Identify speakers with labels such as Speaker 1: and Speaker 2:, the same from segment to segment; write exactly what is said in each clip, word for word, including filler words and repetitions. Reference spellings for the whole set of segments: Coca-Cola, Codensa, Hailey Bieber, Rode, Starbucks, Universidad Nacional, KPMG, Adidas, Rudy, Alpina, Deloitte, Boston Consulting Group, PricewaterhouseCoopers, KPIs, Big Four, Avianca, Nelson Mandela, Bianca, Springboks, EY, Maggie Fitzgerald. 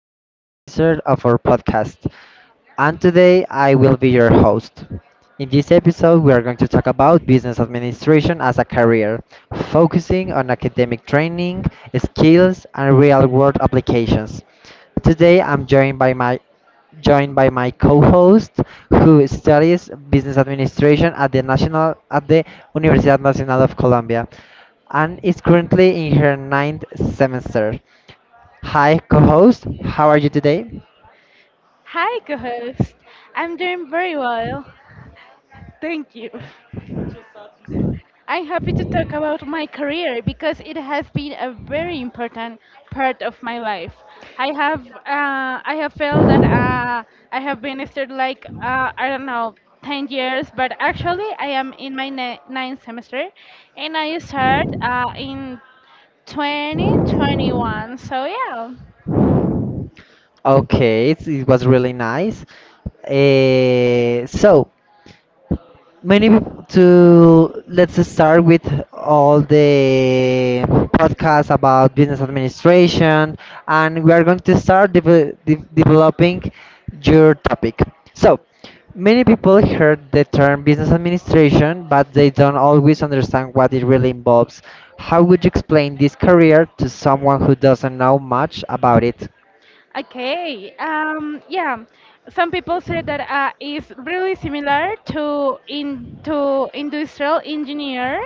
Speaker 1: another episode of our podcast, and today I will be your host. In this episode, we are going to talk about business administration as a career, focusing on academic training, skills, and real-world applications. Today, I'm joined by my joined by my co-host who studies business administration at the national at the Universidad Nacional of Colombia and is currently in her ninth semester. Hi, co-host. How are you today?
Speaker 2: Hi, co-host. I'm doing very well. Thank you. I'm happy to talk about my career because it has been a very important part of my life. I have uh, I have felt that uh, I have been studying like uh, I don't know 10 years, but actually I am in my ni- ninth semester, and I start uh, in twenty twenty-one. So yeah.
Speaker 1: Okay, it's, it was really nice. Uh, so many peop- to let's start with all the podcasts about business administration, and we are going to start deve- de- developing your topic. So many people heard the term business administration, but they don't always understand what it really involves. How would you explain this career to someone who doesn't know much about it?
Speaker 2: Okay. Um, yeah. Some people say that uh, it's really similar to in to industrial engineer,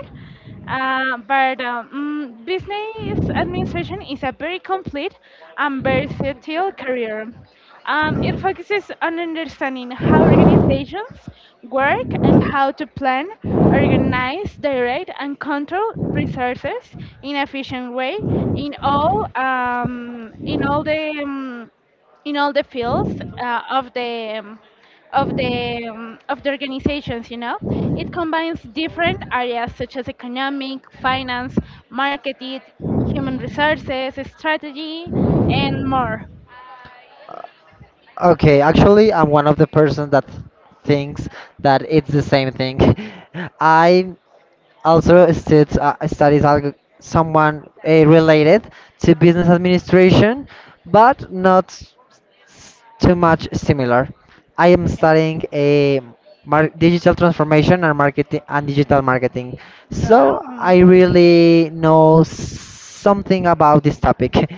Speaker 2: uh, but um, mm, business administration is a very complete and versatile career. Um, it focuses on understanding how organizations work and how to plan, organize, direct, and control resources in efficient way in all um, in all the um, in all the fields uh, of the um, of the um, of the organizations. You know, it combines different areas such as economic, finance, marketing, human resources, strategy, and more.
Speaker 1: Okay, actually, I'm one of the person that thinks that it's the same thing. I also stud uh, studies alg someone uh, related to business administration, but not s- too much similar. I am
Speaker 2: Okay.
Speaker 1: studying a mar digital transformation and marketing and digital marketing, so
Speaker 2: Wow.
Speaker 1: I really know something about this topic.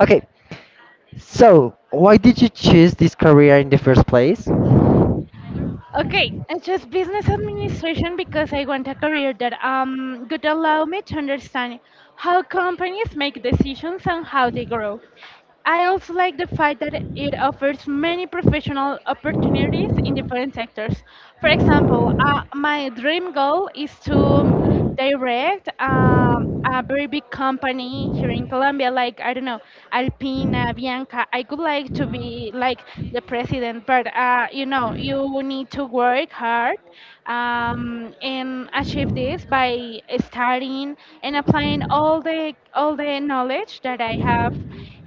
Speaker 1: Okay, so, why did you choose this career in the first place?
Speaker 2: Okay, I chose business administration because I want a career that um could allow me to understand how companies make decisions and how they grow. I also like the fact that it offers many professional opportunities in different sectors. For example, uh, my dream goal is to direct um, a very big company here in Colombia, like, I don't know, Alpina, Bianca. I could like to be like the president, but uh, you know, you need to work hard um, and achieve this by studying and applying all the all the knowledge that I have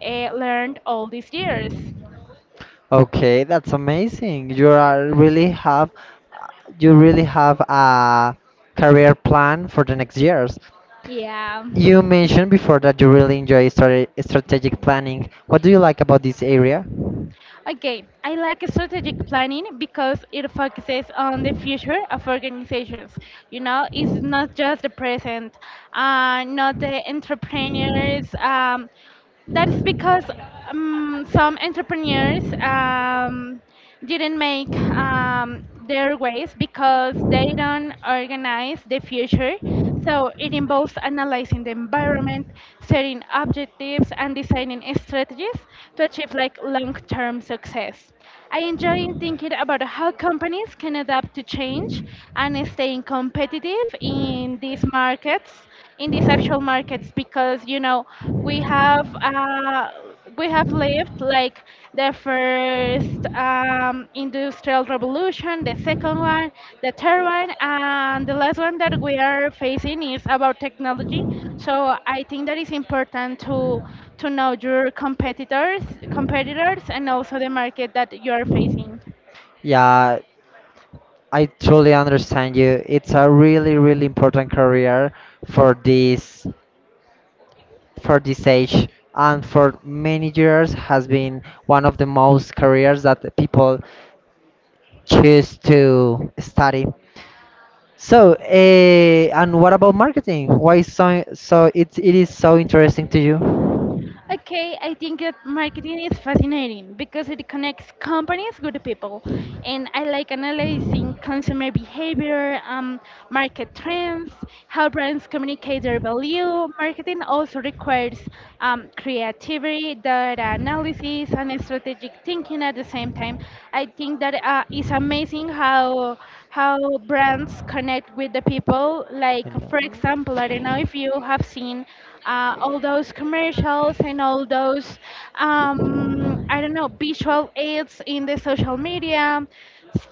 Speaker 2: uh, learned all these years.
Speaker 1: Okay, that's amazing. You are really have you really have a career plan for the next years.
Speaker 2: Yeah.
Speaker 1: You mentioned before that you really enjoy strate- strategic planning. What do you like about this area?
Speaker 2: Okay, I like strategic planning because it focuses on the future of organizations. You know, it's not just the present, uh, not the entrepreneurs. Um, that's because um, some entrepreneurs um, didn't make um, their ways because they don't organize the future. So it involves analyzing the environment, setting objectives, and designing strategies to achieve like long-term success. I enjoy thinking about how companies can adapt to change and staying competitive in these markets, in these actual markets because you know we have uh, we have lived like the first um, industrial revolution, the second one, the third one, and the last one that we are facing is about technology. So I think that is important to to know your competitors, competitors, and also the market that you are facing.
Speaker 1: Yeah, I truly understand you. It's a really, really important career for this. for this age, and for many years has been one of the most careers that the people choose to study. So, uh, and what about marketing? Why so so it it is so interesting to you?
Speaker 2: Okay, I think that marketing is fascinating because it connects companies with people, and I like analyzing consumer behavior, um, market trends, how brands communicate their value. Marketing also requires um, creativity, data analysis, and strategic thinking at the same time. I think that uh, it's amazing how how brands connect with the people.
Speaker 1: I
Speaker 2: Like, for
Speaker 1: know.
Speaker 2: example, I don't know if you have seen uh, all those commercials and all those um, I don't know, visual aids in the social media.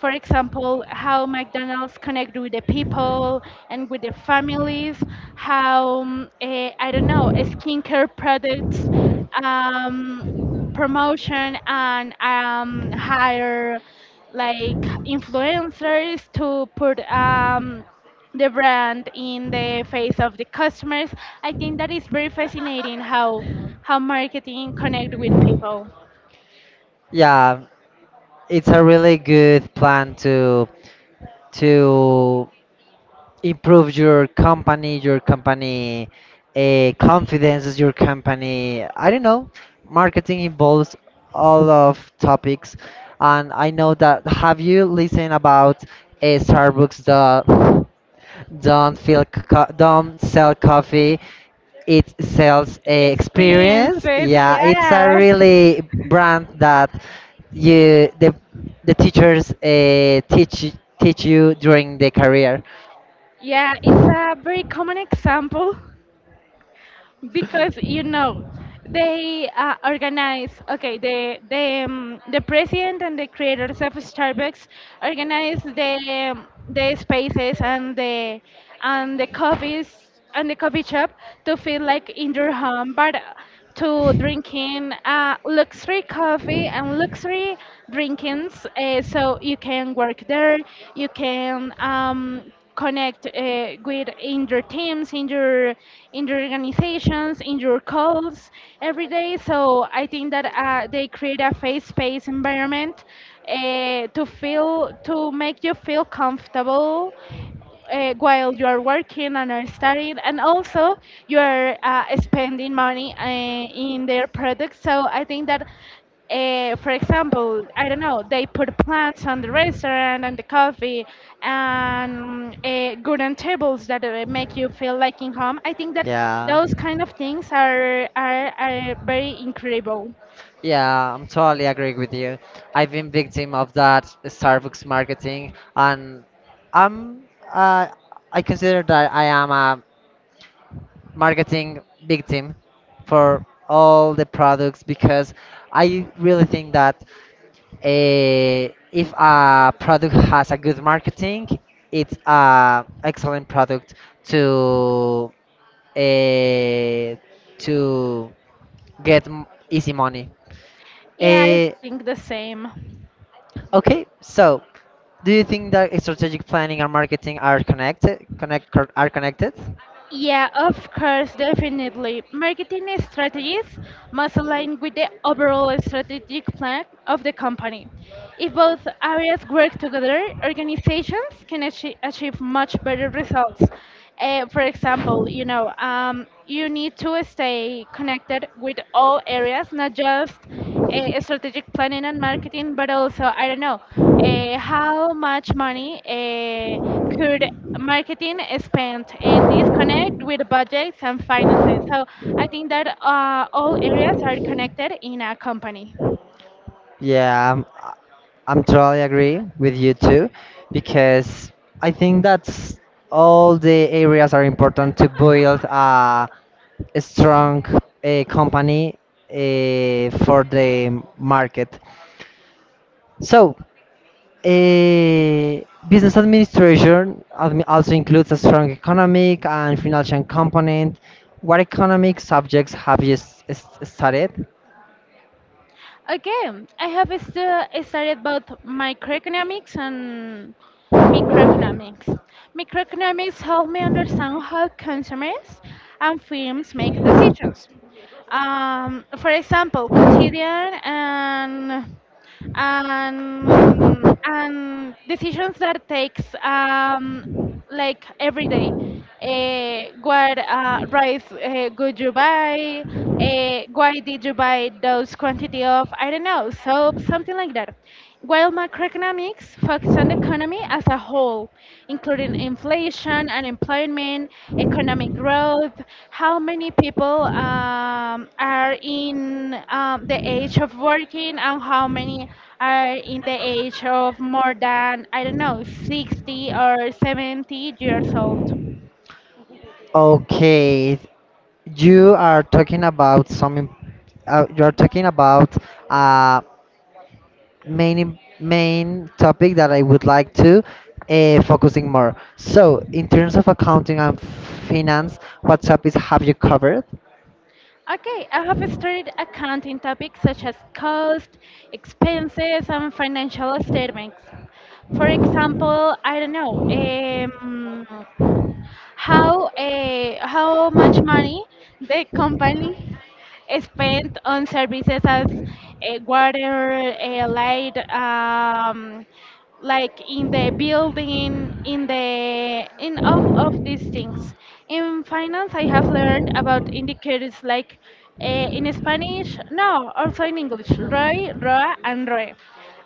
Speaker 2: For example, how McDonald's connect with the people and with the families. How um, eh, I don't know, skincare products um, promotion and um, hire like influencers to put um, the brand in the face of the customers. I think that is very fascinating how how marketing connect with people.
Speaker 1: Yeah, it's a really good plan to to improve your company, your company uh, confidence, your company. I don't know. Marketing involves all of topics, and I know that. Have you listened about a Starbucks that don't feel co- don't sell coffee? It sells a experience.
Speaker 2: Experiences.
Speaker 1: Yeah, it's a
Speaker 2: Yeah,
Speaker 1: really brand that you the the teachers uh, teach teach you during the career.
Speaker 2: yeah, it's a very common example because you know they uh, organize. Okay, the the um, the president and the creators of Starbucks organize the um, the spaces and the and the coffees and the coffee shop, to feel like in your home, but to drinking uh, luxury coffee and luxury drinkings. Uh, so you can work there, you can um, connect uh, with in your teams, in your in your organizations, in your calls every day. So I think that uh, they create a face space environment uh, to feel, to make you feel comfortable uh, while you are working and are studying, and also you are uh, spending money uh, in their products. So I think that, uh, for example, I don't know, they put plants on the restaurant and the coffee and uh, wooden tables that uh, make you feel like in home. I think that
Speaker 1: Yeah.
Speaker 2: those kind of things are are, are very incredible.
Speaker 1: Yeah, I'm totally agree with you. I've been victim of that Starbucks marketing, and I'm uh, I consider that I am a marketing victim for all the products, because I really think that uh, if a product has a good marketing, it's a excellent product to uh, to get m- easy money.
Speaker 2: Yeah, I
Speaker 1: Uh,
Speaker 2: think the same.
Speaker 1: Okay, so do you think that strategic planning and marketing are connected? Connect cor- are connected?
Speaker 2: Yeah, of course, definitely. Marketing strategies must align with the overall strategic plan of the company. If both areas work together, organizations can achieve, achieve much better results. Uh, for example, you know, um, you need to stay connected with all areas, not just uh, strategic planning and marketing, but also, I don't know, uh, how much money uh, could marketing spend, and this connect with budgets and finances. So I think that uh, all areas are connected in a company.
Speaker 1: Yeah, I'm, I- I'm totally agree with you too, because I think that's all the areas are important to build a, a strong uh company uh, for the market. So a business administration admi- also includes a strong economic and financial component. What economic subjects have you s- s- studied?
Speaker 2: Okay, I have stu- studied both microeconomics and microeconomics. Microeconomics help me understand how consumers and firms make decisions. Um, for example, quotidian and and and decisions that takes um, like every day. Uh, what uh, rice uh, could you buy? Uh, why did you buy those quantity of, I don't know, soap, something like that. While macroeconomics focus on the economy as a whole, including inflation, unemployment, economic growth. How many people um, are in um, the age of working, and how many are in the age of more than, I don't know, sixty or seventy years old?
Speaker 1: Okay, you are talking about some. im- Uh, you are talking about uh, main im- main topic that I would like to uh, focusing more. So, in terms of accounting and finance, what topics have you covered?
Speaker 2: Okay, I have studied accounting topics such as cost, expenses, and financial statements. For example, I don't know, um, how uh, how much money the company spent on services as uh, water, uh, light, um, like in the building, in the in of of these things. In finance, I have learned about indicators like, uh, in Spanish, no, also in English, R O I, R O A, and R O E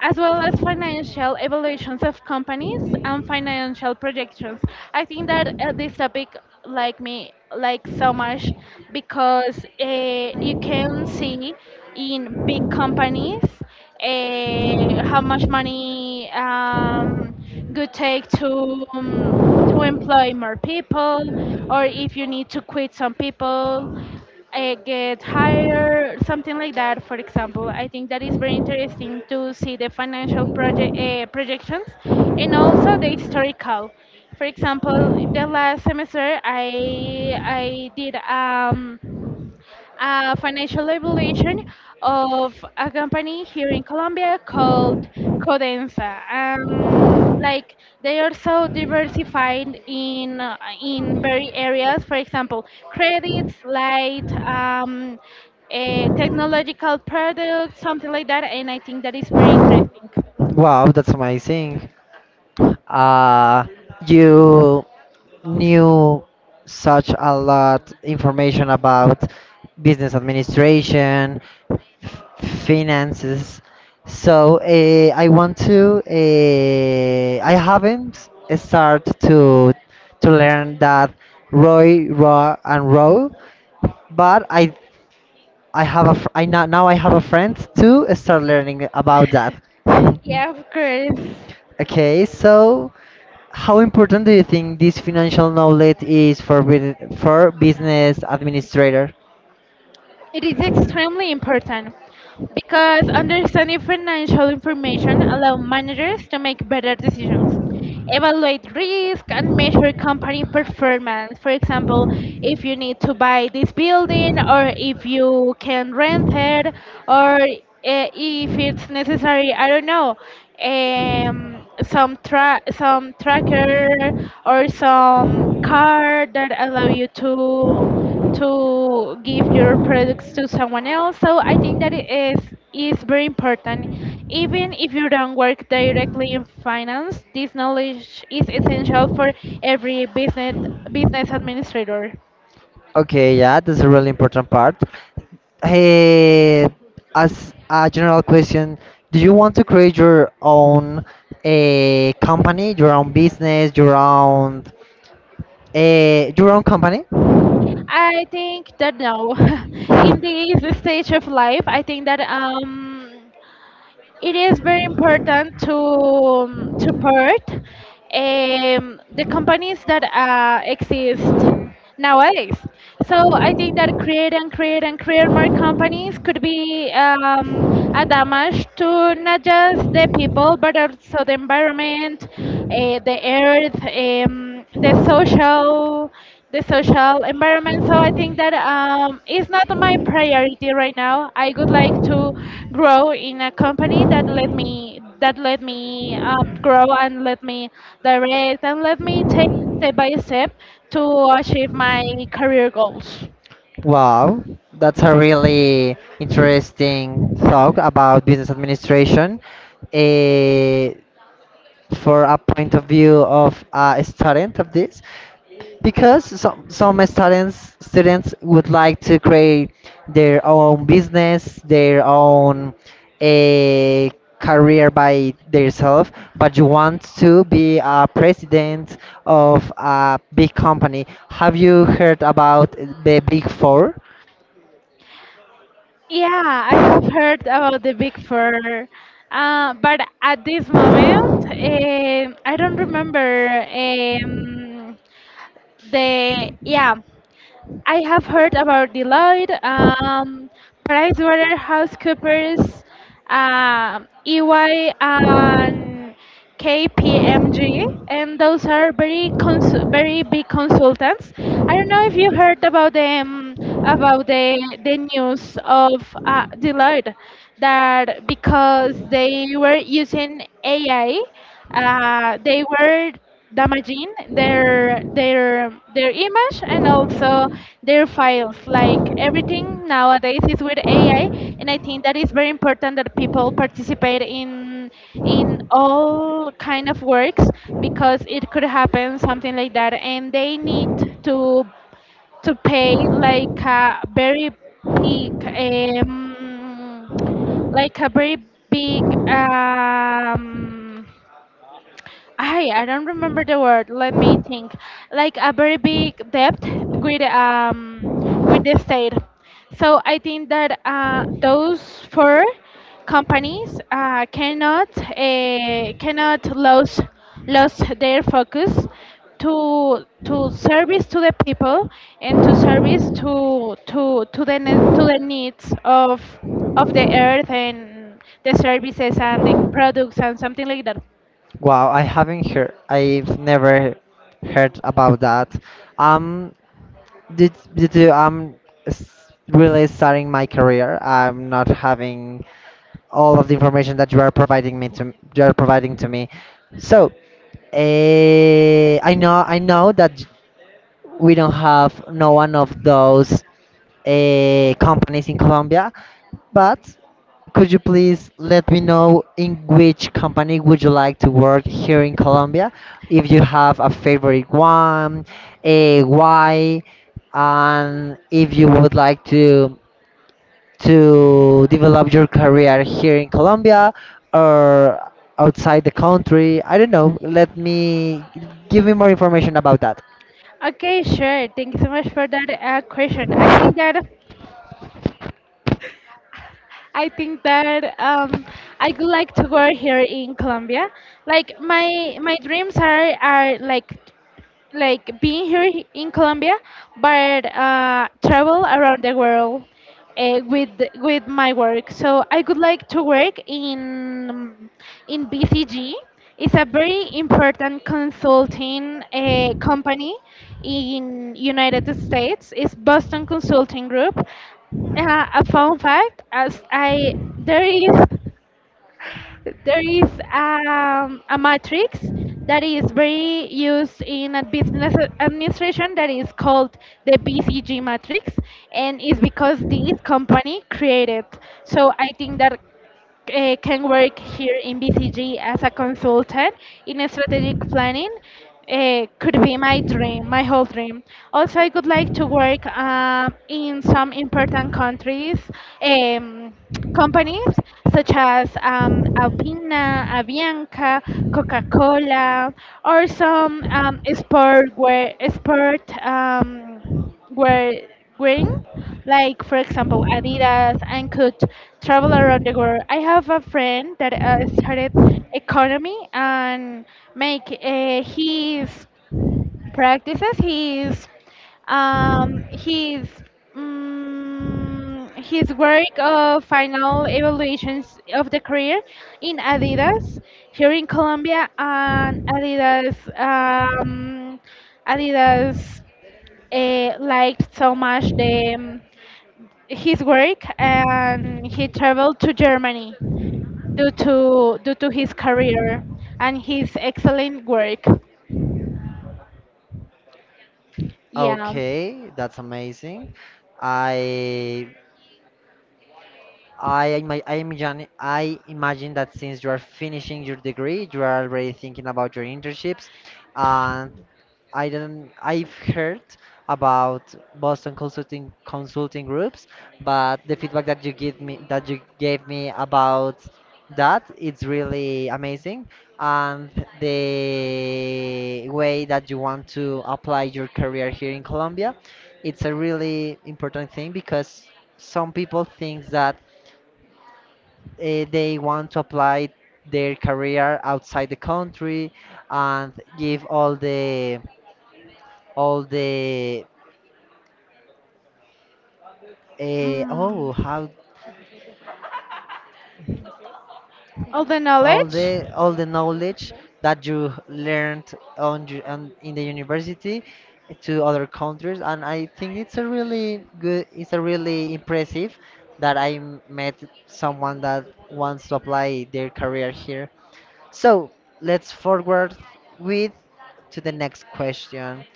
Speaker 2: as well as financial evaluations of companies and financial projections. I think that uh, this topic like me like so much because uh, you can see in big companies uh, how much money um, could take to um, to employ more people, or if you need to quit some people, uh, get hired, something like that. For example, I think that is very interesting to see the financial project uh, projections, and also the historical. For example, the last semester I I did. Um, a financial evaluation of a company here in Colombia called Codensa. Um, like they are so diversified in, uh, in very areas. For example, credits, light, um, eh, technological products, something like that. And I think that is very interesting.
Speaker 1: Wow, that's amazing. uh, you knew such a lot information about business administration, f- finances. So uh, I want to. Uh, I haven't started to to learn that Roy, Raw, and Row, but I I have a fr- I now now I have a friend to start learning about that.
Speaker 2: Yeah, of course.
Speaker 1: Okay, so how important do you think this financial knowledge is for bus- for business administrator?
Speaker 2: It is extremely important because understanding financial information allows managers to make better decisions, evaluate risk, and measure company performance. For example, if you need to buy this building, or if you can rent it, or uh, if it's necessary, I don't know, um, some tra- some tracker or some card that allow you to to give your products to someone else. So I think that it is is very important. Even if you don't work directly in finance, this knowledge is essential for every business business administrator.
Speaker 1: Okay, yeah, that's a really important part. Hey, as a general question, do you want to create your own a company, your own business, your own a your own company?
Speaker 2: I think that now, in this stage of life, I think that um it is very important to um, to part um, the companies that uh, exist nowadays. So I think that create and create and create more companies could be um, a damage to not just the people but also the environment, uh, the earth. Um, the social the social environment. So I think that um, it's not my priority right now. I would like to grow in a company that let me that let me um, grow, and let me direct, and let me take step by step to achieve my career goals.
Speaker 1: Wow, that's a really interesting talk about business administration. Eh, for a point of view of a student of this, because some some students students would like to create their own business, their own a career by themselves, but you want to be a president of a big company. Have you heard about the Big Four?
Speaker 2: Yeah, I have heard about the Big Four, uh, but at this moment, um I don't remember um, the yeah. I have heard about Deloitte, um, PricewaterhouseCoopers, um E Y, and K P M G, and those are very consu- very big consultants. I don't know if you heard about them, about the the news of uh, Deloitte, that because they were using A I, uh, they were damaging their their their image, and also their files. Like everything nowadays is with A I, and I think that is very important that people participate in in all kind of works, because it could happen something like that, and they need to to pay like a very big um like a very big um I I don't remember the word. Let me think. Like a very big debt with um with the state. So I think that uh, those four companies uh, cannot uh, cannot lose lose their focus to to service to the people, and to service to to to the ne- to the needs of of the earth, and the services and the products and something like that.
Speaker 1: Wow, I haven't heard. I've never heard about that. Um, due, due to I'm s- really starting my career, I'm not having all of the information that you are providing me to you are providing to me. So, eh, I know I know that we don't have no one of those uh, companies in Colombia, but could you please let me know in which company would you like to work here in Colombia? If you have a favorite one, a why, and if you would like to to develop your career here in Colombia or outside the country, I don't know. Let me Give me more information about that.
Speaker 2: Okay, sure. Thank you so much for that uh, question. I think that I think that um, I would like to work here in Colombia. Like, my my dreams are are like like being here h- in Colombia, but uh, travel around the world uh, with the- with my work. So I would like to work in in B C G. It's a very important consulting uh, company in United States. It's Boston Consulting Group. Uh, a fun fact, as I there is there is um, a matrix that is very used in a business administration that is called the B C G matrix, and it's because this company created. So I think that uh, can work here in B C G as a consultant in strategic planning uh, could be my dream, my whole dream. Also, I would like to work uh, in some important countries, um, companies such as um, Alpina, Avianca, Coca-Cola, or some um, sport where sport um, where green, like for example Adidas, and could travel around the world. I have a friend that uh, started economy and make uh, his practices, his um, his um, his work of final evaluations of the career in Adidas here in Colombia, and Adidas um, Adidas uh, liked so much the his work, and he traveled to Germany due to due to his career and his excellent work. Yeah.
Speaker 1: Okay, that's amazing. I I ima- I imagine I imagine that since you are finishing your degree, you are already thinking about your internships, and I don't I've heard about Boston consulting consulting groups, but the feedback that you give me that you gave me about that, it's really amazing, and the way that you want to apply your career here in Colombia, it's a really important thing, because some people think that uh, they want to apply their career outside the country and give all the all the uh,
Speaker 2: Mm,
Speaker 1: oh how
Speaker 2: all the
Speaker 1: all
Speaker 2: knowledge.
Speaker 1: the all the knowledge that you learned on, ju- on in the university to other countries. And I think it's a really good, it's a really impressive that I m- met someone that wants to apply their career here. So let's forward with to the next question.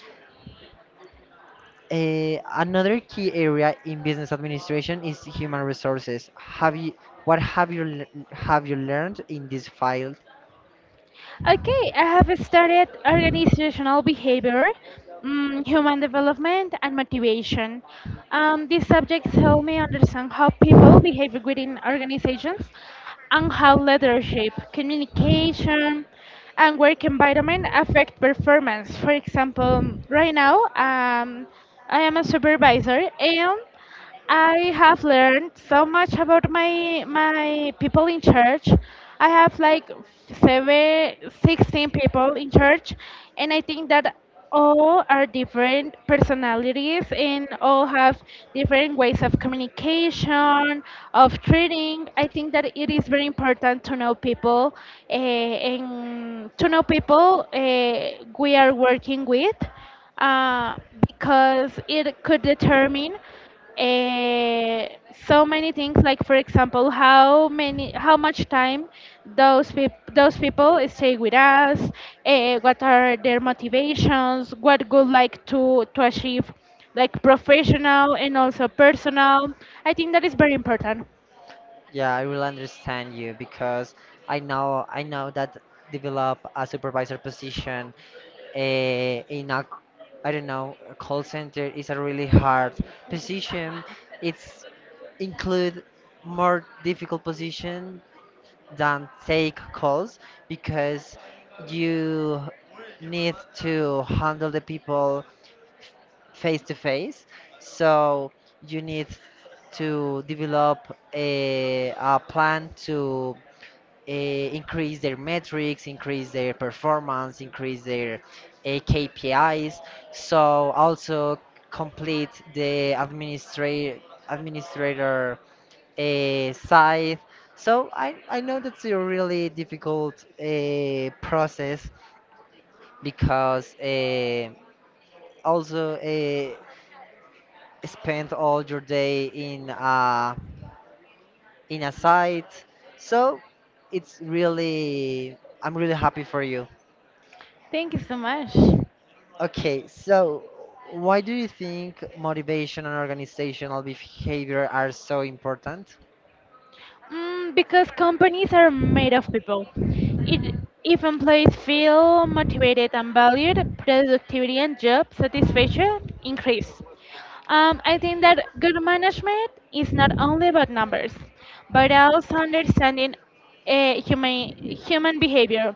Speaker 1: Uh, another key area in business administration is human resources. Have you, what have you, le- have you learned in this field?
Speaker 2: Okay, I have studied organizational behavior, mm, human development, and motivation. Um, these subjects help me understand how people behave within organizations and how leadership, communication, and work environment affect performance. For example, right now, um, I am a supervisor, and I have learned so much about my my people in church. I have like seven, sixteen people in church, and I think that all are different personalities and all have different ways of communication, of treating. I think that it is very important to know people uh, and to know people uh, we are working with, uh, because it could determine, uh, so many things, like for example how many how much time those peop- those people stay with us, uh, what are their motivations, what good like to to achieve, like professional and also personal. I think that is very important.
Speaker 1: Yeah, I will understand you because I know I know that develop a supervisor position uh, in a, I don't know, a call center is a really hard position. It's include more difficult position than take calls, because you need to handle the people f- face to face. So you need to develop a, a plan to uh, increase their metrics, increase their performance, increase their uh, K P Is. So also complete the administrator administrator a scythe. So I, I know that's a really difficult uh, process because uh, also uh, spend all your day in a, in a site. So it's really, I'm really happy for you.
Speaker 2: Thank you so much.
Speaker 1: Okay, so why do you think motivation and organizational behavior are so important?
Speaker 2: Mm, because companies are made of people. It, if employees feel motivated and valued, productivity and job satisfaction increase. Um, I think that good management is not only about numbers, but also understanding uh, human human behavior.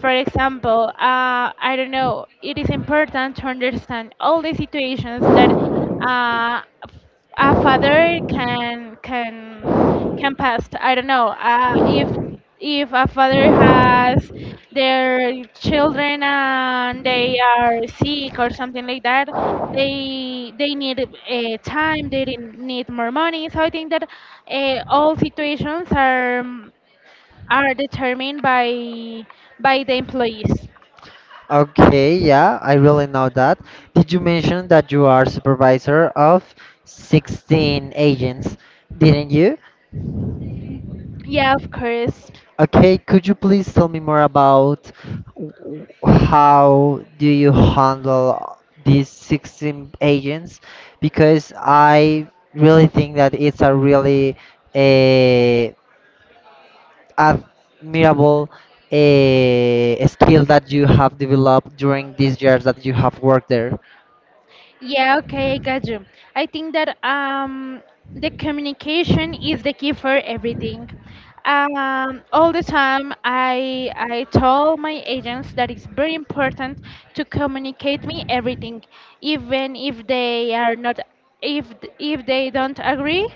Speaker 2: For example, uh, I don't know. It is important to understand all the situations that uh, a father can can can pass. I don't know. Uh, if if a father has their children and they are sick or something like that, they they need uh, time. They didn't need more money. So I think that uh, all situations are are determined by by the employees.
Speaker 1: Okay, yeah, I really know that. Did you mention that you are supervisor of sixteen agents, didn't you?
Speaker 2: Yeah, of course.
Speaker 1: Okay, could you please tell me more about w- how do you handle these sixteen agents? Because I really think that it's a really uh, admirable a skill that you have developed during these years that you have worked there.
Speaker 2: Yeah, okay, I got you. I think that um, the communication is the key for everything. Um, all the time, I I told my agents that it's very important to communicate me everything, even if they are not, if if they don't agree.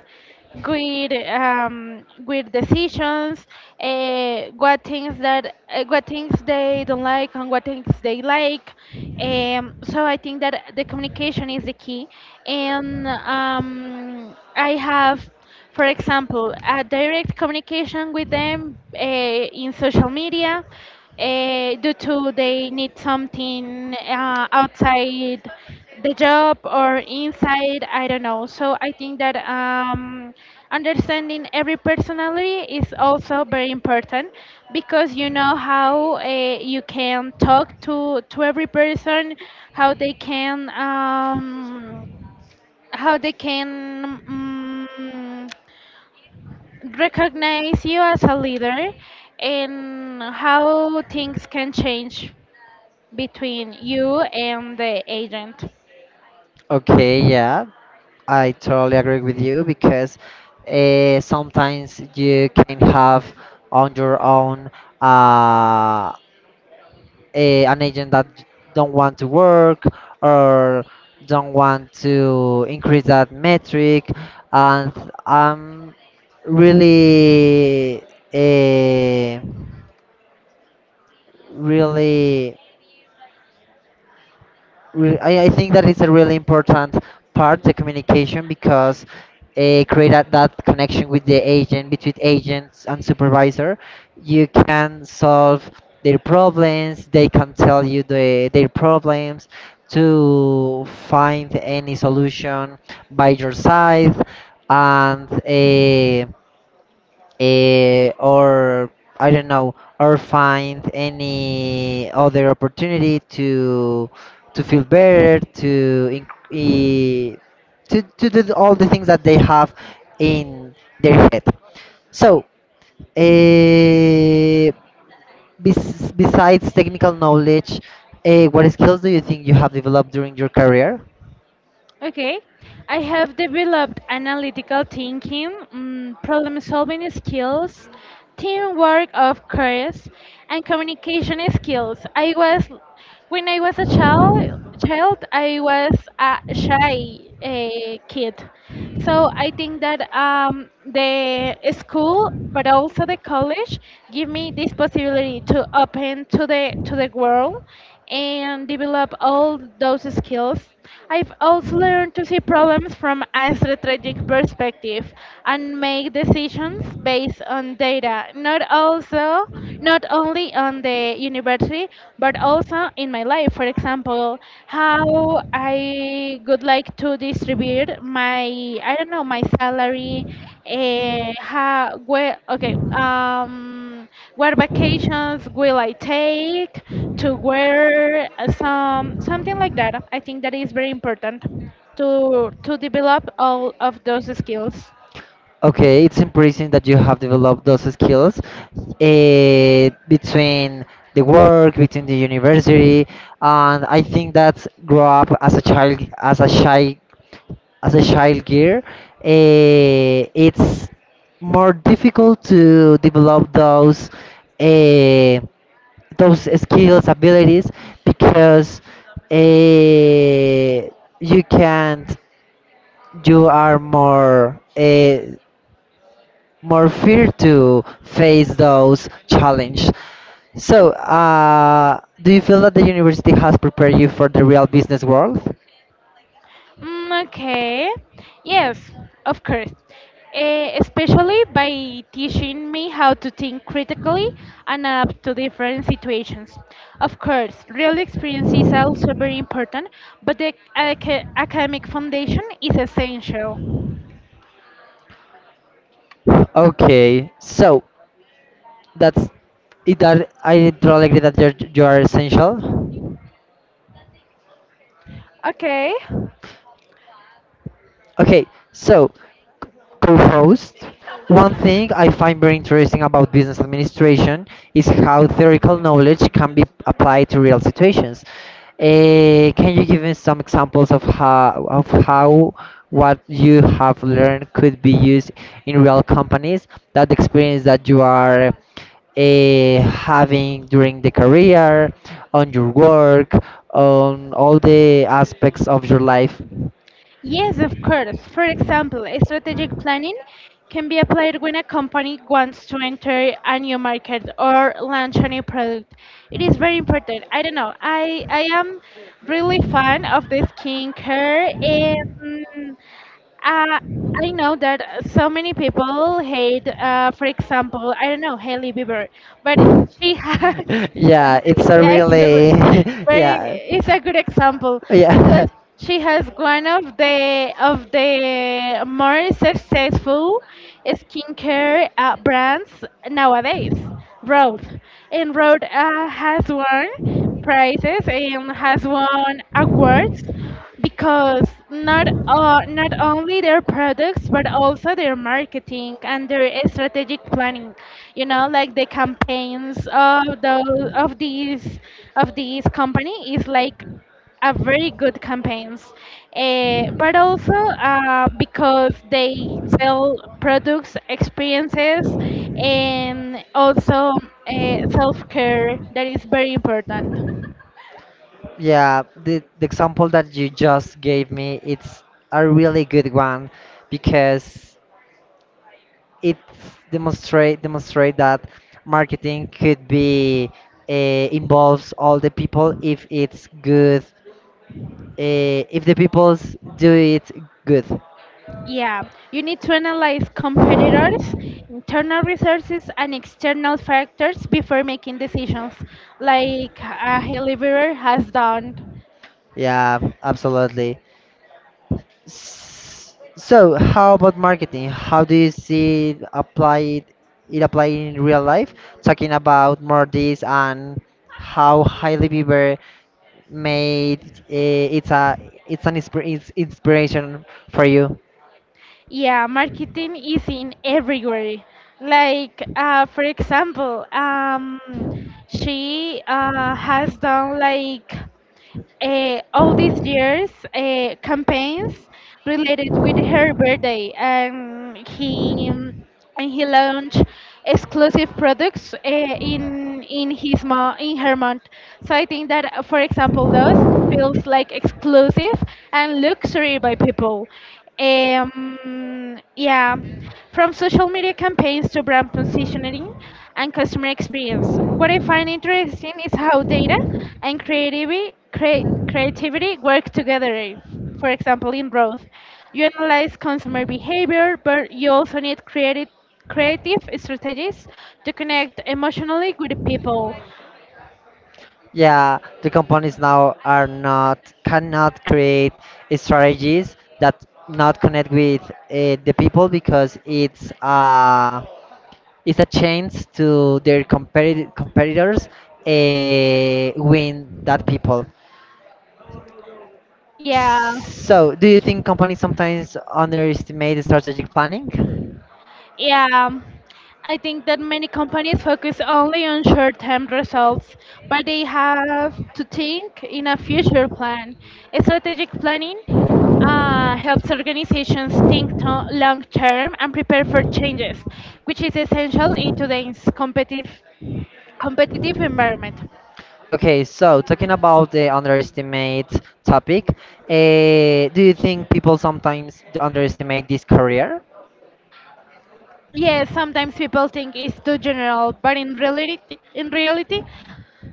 Speaker 2: good um, Good decisions, uh, what things that uh, what things they don't like and what things they like. Um, so I think that the communication is the key, and um, I have, for example, a direct communication with them uh, in social media, uh, due to they need something uh, outside the job or inside, I don't know. So I think that um, understanding every personality is also very important, because you know how uh, you can talk to, to every person, how they can um, how they can mm recognize you as a leader, and how things can change between you and the agent.
Speaker 1: Okay, yeah. I totally agree with you because uh, sometimes you can have on your own uh, a, an agent that don't want to work or don't want to increase that metric, and I'm really, uh, really. re- I, I think that it's a really important part the communication, because uh, create that, that connection with the agent between agents and supervisor, you can solve their problems, they can tell you the, their problems to find any solution by your side, and uh, eh, or I don't know, or find any other opportunity to to feel better, to inc- eh, to to do all the things that they have in their head. So, uh, bes- besides technical knowledge, uh, what skills do you think you have developed during your career?
Speaker 2: Okay, I have developed analytical thinking, mm, problem solving skills, teamwork, of course, and communication skills. I was, when I was a child, child I was a shy uh, kid. So I think that um, the school, but also the college, give me this possibility to open to the to the world and develop all those skills. I've also learned to see problems from a strategic perspective and make decisions based on data, not also not only on the university family, but also in my life. For example, how I would like to distribute my, I don't know, my salary, uh, how, where, okay, um, what vacations will I take, to where, uh, some, something like that. I think that is very important to to develop all of those skills.
Speaker 1: Okay, it's impressive that you have developed those skills uh, between the work, between the university, and I think that grow up as a child, as a shy, as a child gear. Uh, it's more difficult to develop those uh, those skills, abilities, because uh, you can't, you are more. Uh, more fear to face those challenges. So, uh, do you feel that the university has prepared you for the real business world?
Speaker 2: Mm, okay. Yes, of course. Eh, especially by teaching me how to think critically and adapt to different situations. Of course, real experience is also very important, but the aca- academic foundation is essential.
Speaker 1: Okay, so that's it. That I totally agree that you're, you are essential.
Speaker 2: Okay.
Speaker 1: Okay, so co-host. One thing I find very interesting about business administration is how theoretical knowledge can be applied to real situations. Eh, can you give me some examples of how of how what you have learned could be used in real companies? That experience that you are eh, having during the career, on your work, on all the aspects of your life.
Speaker 2: Yes, of course. For example, strategic planning can be applied when a company wants to enter a new market or launch a new product. It is very important. I don't know. I I am really fan of the skincare. And. Uh, I know that uh, so many people hate, uh, for example, I don't know, Hailey Bieber, but she has,
Speaker 1: Yeah, it's a
Speaker 2: yeah, it's
Speaker 1: really
Speaker 2: a very,
Speaker 1: yeah.
Speaker 2: it's a good example
Speaker 1: Yeah,
Speaker 2: because she has one of the of the more successful skincare uh, brands nowadays, Rode, and Rode uh, has one prizes and has won awards because not uh, not only their products, but also their marketing and their strategic planning. You know, like the campaigns of the of these of these company is like a very good campaigns. Eh, but also uh, because they sell products, experiences, and also uh, self-care, that is very important.
Speaker 1: yeah, the, the example that you just gave me, it's a really good one, because it demonstrate demonstrate that marketing could be uh, involves all the people if it's good, uh, if the people do it good.
Speaker 2: Yeah, you need to analyze competitors, internal resources, and external factors before making decisions, like uh, Heliverer has done.
Speaker 1: Yeah, absolutely. S- So, how about marketing? How do you see it applied it applied in real life? Talking about more this, and how Hailey Bieber made uh, it's a it's an inspir it's inspiration for you.
Speaker 2: Yeah, marketing is in everywhere. Like, uh, for example, um, she uh, has done like uh, all these years uh, campaigns related with her birthday, and he and he launched exclusive products uh, in in his mo- in her month. So I think that, uh, for example, those feels like exclusive and luxury by people. Um, yeah, from social media campaigns to brand positioning and customer experience. What I find interesting is how data and creativity crea- creativity work together. For example, in growth. You analyze consumer behavior, but you also need creative, creative strategies to connect emotionally with the people.
Speaker 1: Yeah, the companies now are not cannot create strategies that not connect with uh, the people, because it's uh, it's a chance to their competi- competitors uh, win that people.
Speaker 2: Yeah,
Speaker 1: So, do you think companies sometimes underestimate the strategic planning?
Speaker 2: yeah. I think that many companies focus only on short term results, but they have to think in a future plan. Strategic planning uh, helps organizations think to- long term and prepare for changes, which is essential in today's competitive competitive environment.
Speaker 1: Okay, so talking about the underestimate topic, uh, do you think people sometimes d- underestimate this career?
Speaker 2: Yes, sometimes people think it's too general, but in reality, in reality,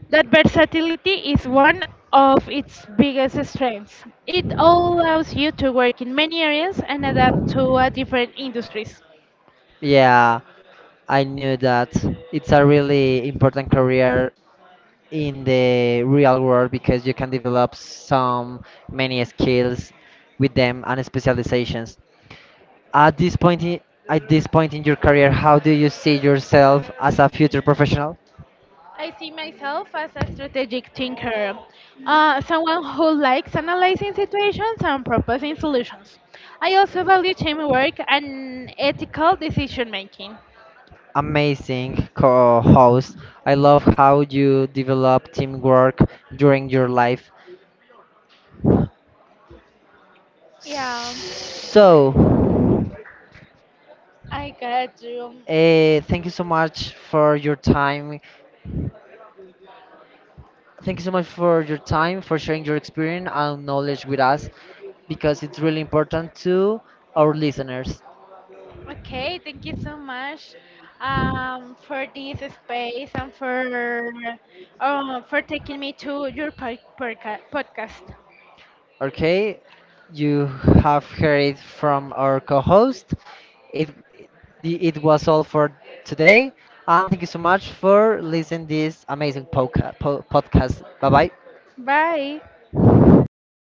Speaker 2: that versatility is one of its biggest strengths. It allows you to work in many areas and adapt to uh, different industries.
Speaker 1: Yeah, I knew that it's a really important career in the real world, because you can develop some many skills with them and specializations. At this point, i- at this point in your career, how do you see yourself as a future professional?
Speaker 2: I see myself as a strategic thinker, uh, someone who likes analyzing situations and proposing solutions. I also value teamwork and ethical decision making.
Speaker 1: Amazing co-host. I love how you develop teamwork during your life.
Speaker 2: Yeah,
Speaker 1: So,
Speaker 2: I got you.
Speaker 1: uh, thank you so much for your time Thank you so much for your time, for sharing your experience and knowledge with us, because it's really important to our listeners.
Speaker 2: Okay, thank you so much um, for this space and for uh, for taking me to your pod- podca- podcast.
Speaker 1: Okay, you have heard it from our co-host. It the- it was all for today, and thank you so much for listening this amazing podca- po- podcast. Bye bye.
Speaker 2: Bye.